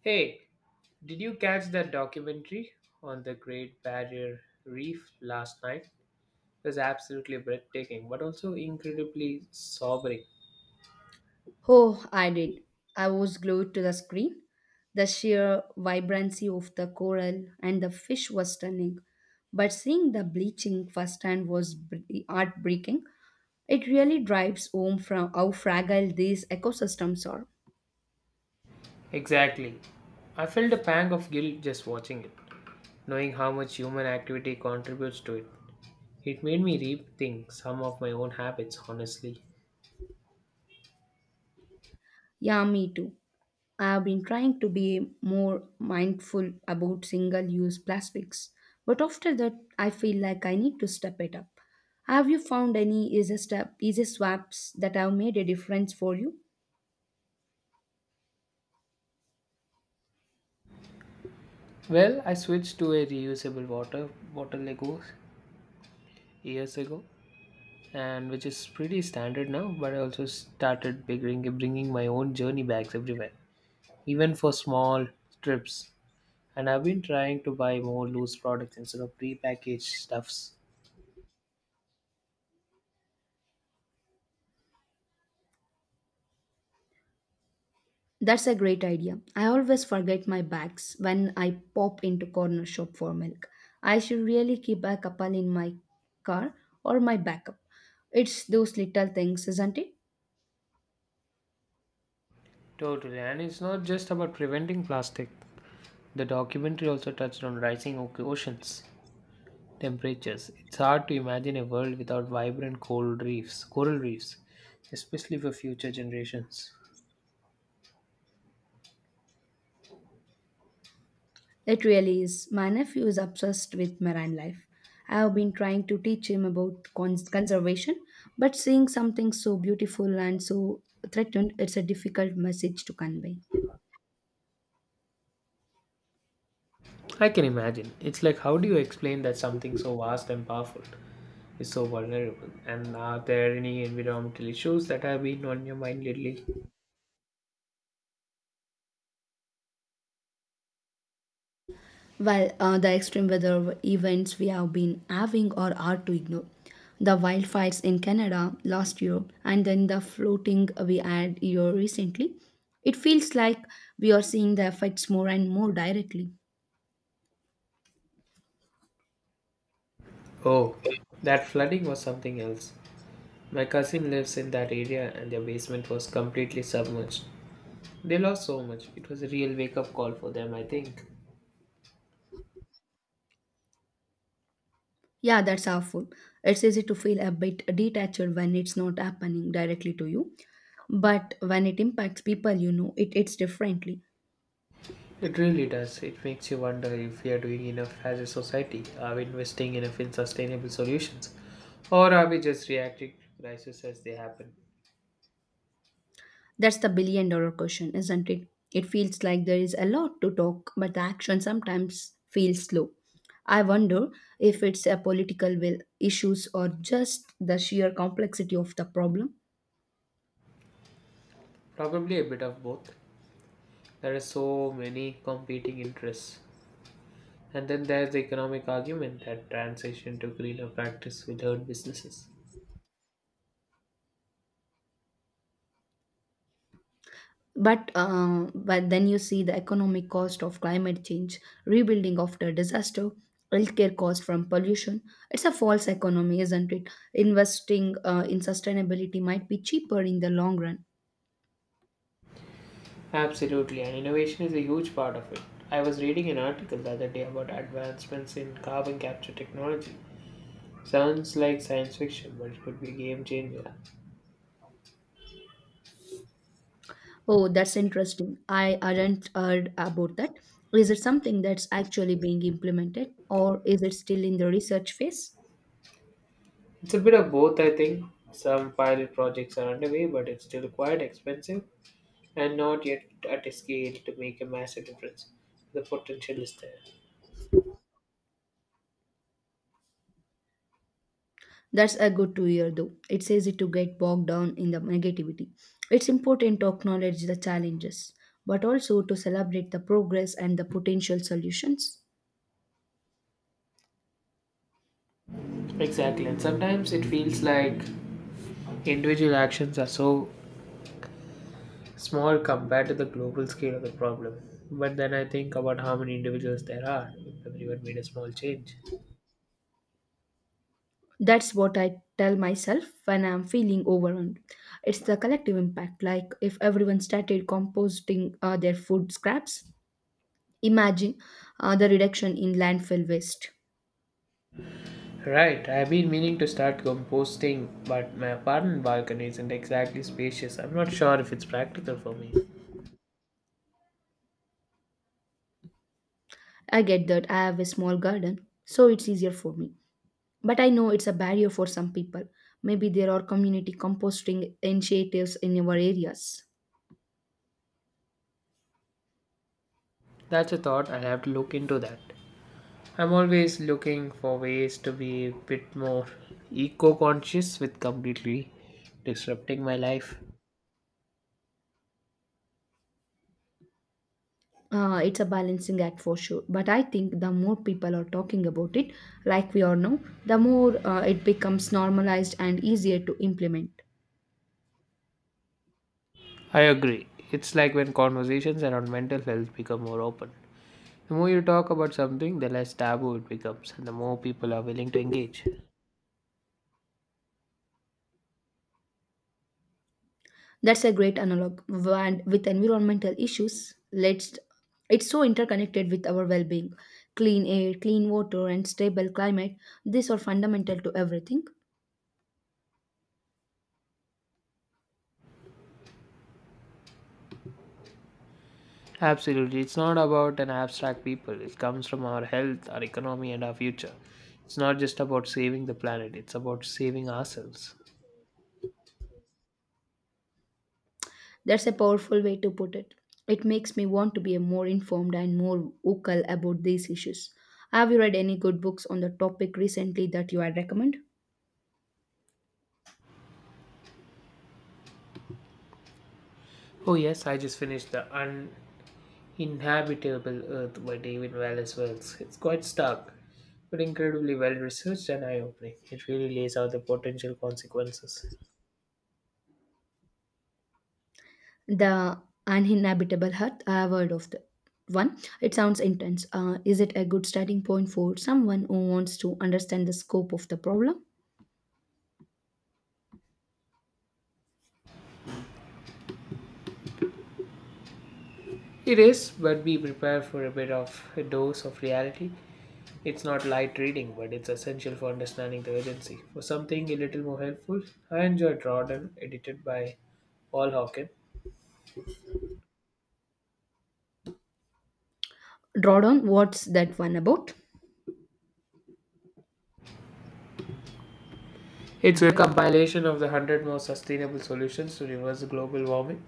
Hey, did you catch that documentary on the Great Barrier Reef last night? It was absolutely breathtaking, but also incredibly sobering. Oh, I did. I was glued to the screen. The sheer vibrancy of the coral and the fish was stunning. But seeing the bleaching firsthand was br- heartbreaking. It really drives home from how fragile these ecosystems are. Exactly. I felt a pang of guilt just watching it, knowing how much human activity contributes to it. It made me rethink some of my own habits, honestly. Yeah, me too. I've been trying to be more mindful about single use plastics, but after that, I feel like I need to step it up. Have you found any easy, easy swaps that have made a difference for you? Well, I switched to a reusable water bottle Lego years ago, and which is pretty standard now. But I also started bringing my own journey bags everywhere, even for small trips. And I've been trying to buy more loose products instead of prepackaged stuffs. That's a great idea. I always forget my bags when I pop into corner shop for milk. I should really keep a couple in my car or my backup. It's those little things, isn't it? Totally, and it's not just about preventing plastic. The documentary also touched on rising oceans temperatures. It's hard to imagine a world without vibrant coral reefs, especially for future generations. It really is. My nephew is obsessed with marine life. I have been trying to teach him about conservation, but seeing something so beautiful and so threatened, it's a difficult message to convey. I can imagine. It's like how do you explain that something so vast and powerful is so vulnerable. And are there any environmental issues that have been on your mind lately? The extreme weather events we have been having are hard to ignore. The wildfires in Canada last year, and then the floating we had here recently. It feels like we are seeing the effects more and more directly. Oh, that flooding was something else. My cousin lives in that area and their basement was completely submerged. They lost so much. It was a real wake up call for them, I think. Yeah, that's awful. It's easy to feel a bit detached when it's not happening directly to you. But when it impacts people, it hits differently. It really does. It makes you wonder if we are doing enough as a society. Are we investing enough in sustainable solutions? Or are we just reacting to crises as they happen? That's the billion dollar question, isn't it? It feels like there is a lot to talk, but the action sometimes feels slow. I wonder if it's a political will issues or just the sheer complexity of the problem. Probably a bit of both. There are so many competing interests. And then there's the economic argument that transition to greener practice will hurt businesses. But then you see the economic cost of climate change, rebuilding after disaster, healthcare cost from pollution. It's a false economy, isn't it? Investing in sustainability might be cheaper in the long run. Absolutely, and innovation is a huge part of it. I was reading an article the other day about advancements in carbon capture technology. Sounds like science fiction, but it could be a game changer. Oh, that's interesting. I hadn't heard about that. Is it something that's actually being implemented, or is it still in the research phase? It's a bit of both, I think. Some pilot projects are underway, but it's still quite expensive and not yet at a scale to make a massive difference. The potential is there. That's a good to hear though. It's easy to get bogged down in the negativity. It's important to acknowledge the challenges, but also to celebrate the progress and the potential solutions. Exactly, and sometimes it feels like individual actions are so small compared to the global scale of the problem. But then I think about how many individuals there are if everyone made a small change. That's what I tell myself when I'm feeling overwhelmed. It's the collective impact, like if everyone started composting their food scraps, imagine the reduction in landfill waste. Right, I've been meaning to start composting, but my apartment balcony isn't exactly spacious. I'm not sure if it's practical for me. I get that I have a small garden, so it's easier for me. But I know it's a barrier for some people. Maybe there are community composting initiatives in our areas. That's a thought, I'll have to look into that. I'm always looking for ways to be a bit more eco conscious with completely disrupting my life. It's a balancing act for sure. But I think the more people are talking about it, like we are now, the more it becomes normalized and easier to implement. I agree. It's like when conversations around mental health become more open. The more you talk about something, the less taboo it becomes, and the more people are willing to engage. That's a great analog. And with environmental issues, let's it's so interconnected with our well-being. Clean air, clean water, and stable climate, these are fundamental to everything. Absolutely, it's not about an abstract people, it comes from our health, our economy, and our future. It's not just about saving the planet, it's about saving ourselves. That's a powerful way to put it. It makes me want to be a more informed and more vocal about these issues. Have you read any good books on the topic recently that you would recommend? Oh, yes, I just finished The Uninhabitable Earth by David Wallace Wells. It's quite stark, but incredibly well researched and eye opening. It really lays out the potential consequences. The Uninhabitable Heart. I have heard of the one. It sounds intense. Is it a good starting point for someone who wants to understand the scope of the problem? It is, but be prepared for a bit of a dose of reality. It's not light reading, but it's essential for understanding the urgency. For something a little more helpful, I enjoyed Rodden, edited by Paul Hawken. Drawdown. What's that one about? It's a compilation of the 100 most sustainable solutions to reverse global warming.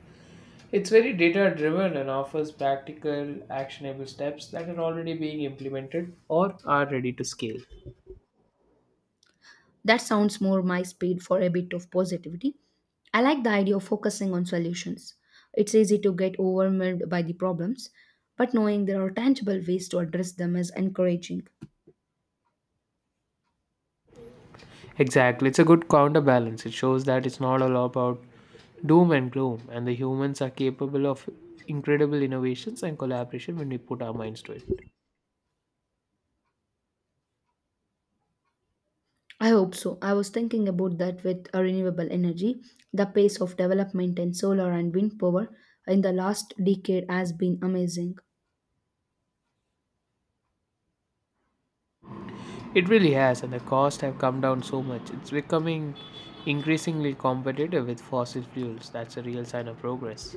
It's very data driven and offers practical, actionable steps that are already being implemented or are ready to scale. That sounds more my speed for a bit of positivity. I like the idea of focusing on solutions. It's easy to get overwhelmed by the problems, but knowing there are tangible ways to address them is encouraging. Exactly. It's a good counterbalance. It shows that it's not all about doom and gloom, and the humans are capable of incredible innovations and collaboration when we put our minds to it. I hope so. I was thinking about that with renewable energy. The pace of development in solar and wind power in the last decade has been amazing. It really has, and the costs have come down so much. It's becoming increasingly competitive with fossil fuels. That's a real sign of progress.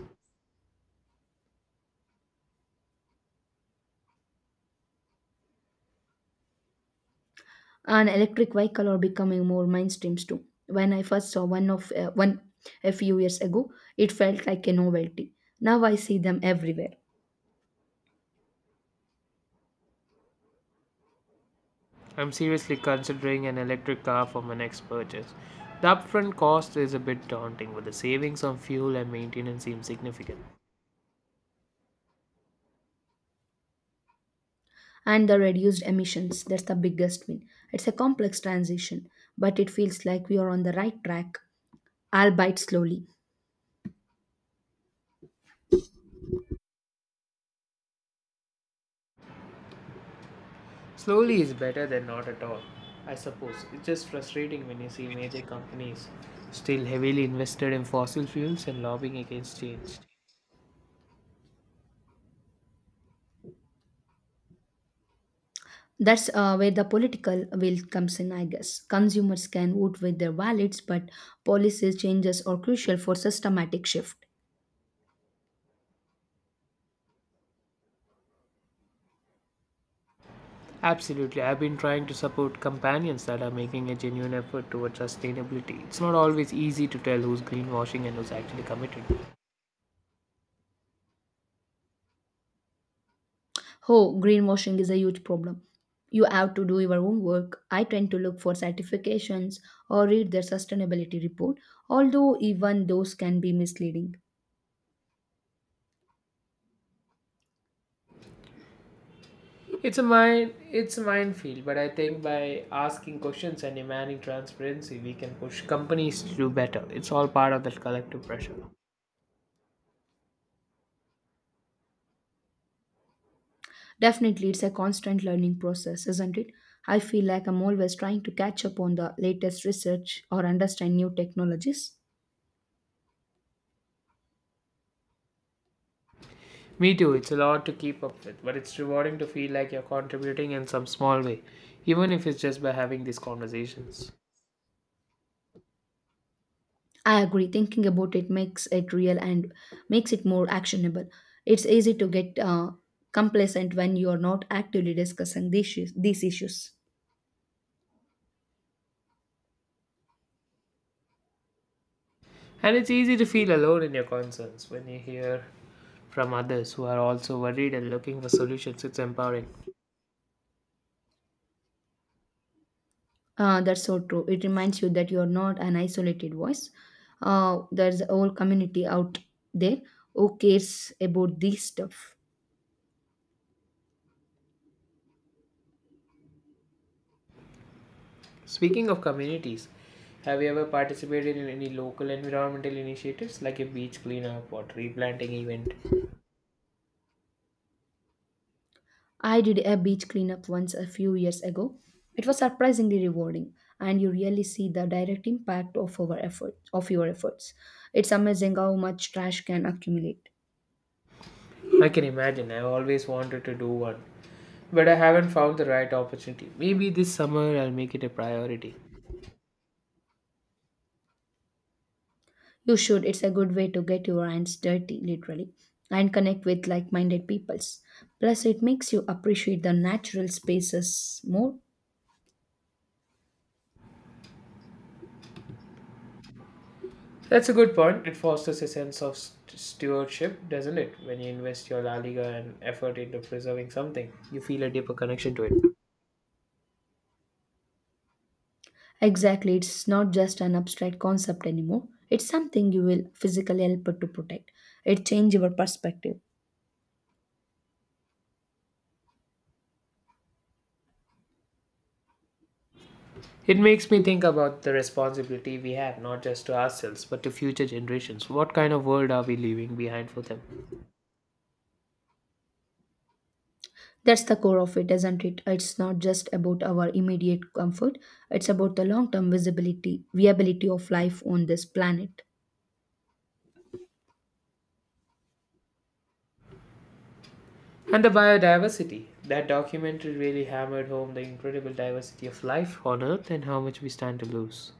And electric vehicle are becoming more mainstreams too. When I first saw one of one a few years ago, it felt like a novelty. Now I see them everywhere. I'm seriously considering an electric car for my next purchase. The upfront cost is a bit daunting, but the savings on fuel and maintenance seem significant. And the reduced emissions, that's the biggest win. It's a complex transition, but it feels like we are on the right track, albeit slowly. Slowly is better than not at all, I suppose. It's just frustrating when you see major companies still heavily invested in fossil fuels and lobbying against change. That's where the political will comes in, I guess. Consumers can vote with their wallets, but policies changes are crucial for systematic shift. Absolutely, I've been trying to support companions that are making a genuine effort towards sustainability. It's not always easy to tell who's greenwashing and who's actually committed. Oh, greenwashing is a huge problem. You have to do your own work. I tend to look for certifications or read their sustainability report, although even those can be misleading. It's a mine, it's a minefield, but I think by asking questions and demanding transparency, we can push companies to do better. It's all part of that collective pressure. Definitely, it's a constant learning process, isn't it? I feel like I'm always trying to catch up on the latest research or understand new technologies. Me too, it's a lot to keep up with, but it's rewarding to feel like you're contributing in some small way, even if it's just by having these conversations. I agree, thinking about it makes it real and makes it more actionable. It's easy to get complacent when you're not actively discussing these issues. And it's easy to feel alone in your concerns when you hear from others who are also worried and looking for solutions. It's empowering. That's so true. It reminds you that you're not an isolated voice. There's a whole community out there who cares about this stuff. Speaking of communities, have you ever participated in any local environmental initiatives like a beach cleanup or tree planting event? I did a beach cleanup once a few years ago. It was surprisingly rewarding, and you really see the direct impact of your efforts. It's amazing how much trash can accumulate. I can imagine, I've always wanted to do one, but I haven't found the right opportunity. Maybe this summer I'll make it a priority. You should. It's a good way to get your hands dirty, literally, and connect with like-minded peoples. Plus, it makes you appreciate the natural spaces more. That's a good point. It fosters a sense of stewardship, doesn't it? When you invest your La Liga and effort into preserving something, you feel a deeper connection to it. Exactly, it's not just an abstract concept anymore. It's something you will physically help to protect. It changes your perspective. It makes me think about the responsibility we have, not just to ourselves, but to future generations. What kind of world are we leaving behind for them? That's the core of it, isn't it? It's not just about our immediate comfort, it's about the long term viability of life on this planet. And the biodiversity. That documentary really hammered home the incredible diversity of life on Earth and how much we stand to lose.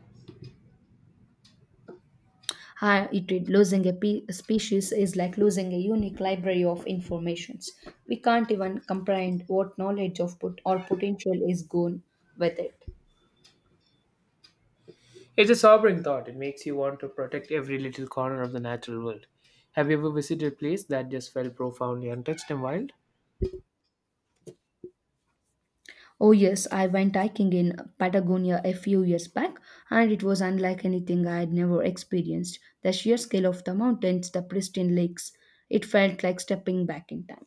How it is losing a a species is like losing a unique library of informations. We can't even comprehend what knowledge of put or potential is gone with it. It's a sobering thought. It makes you want to protect every little corner of the natural world. Have you ever visited a place that just felt profoundly untouched and wild? Oh, yes, I went hiking in Patagonia a few years back, and it was unlike anything I had never experienced. The sheer scale of the mountains, the pristine lakes, it felt like stepping back in time.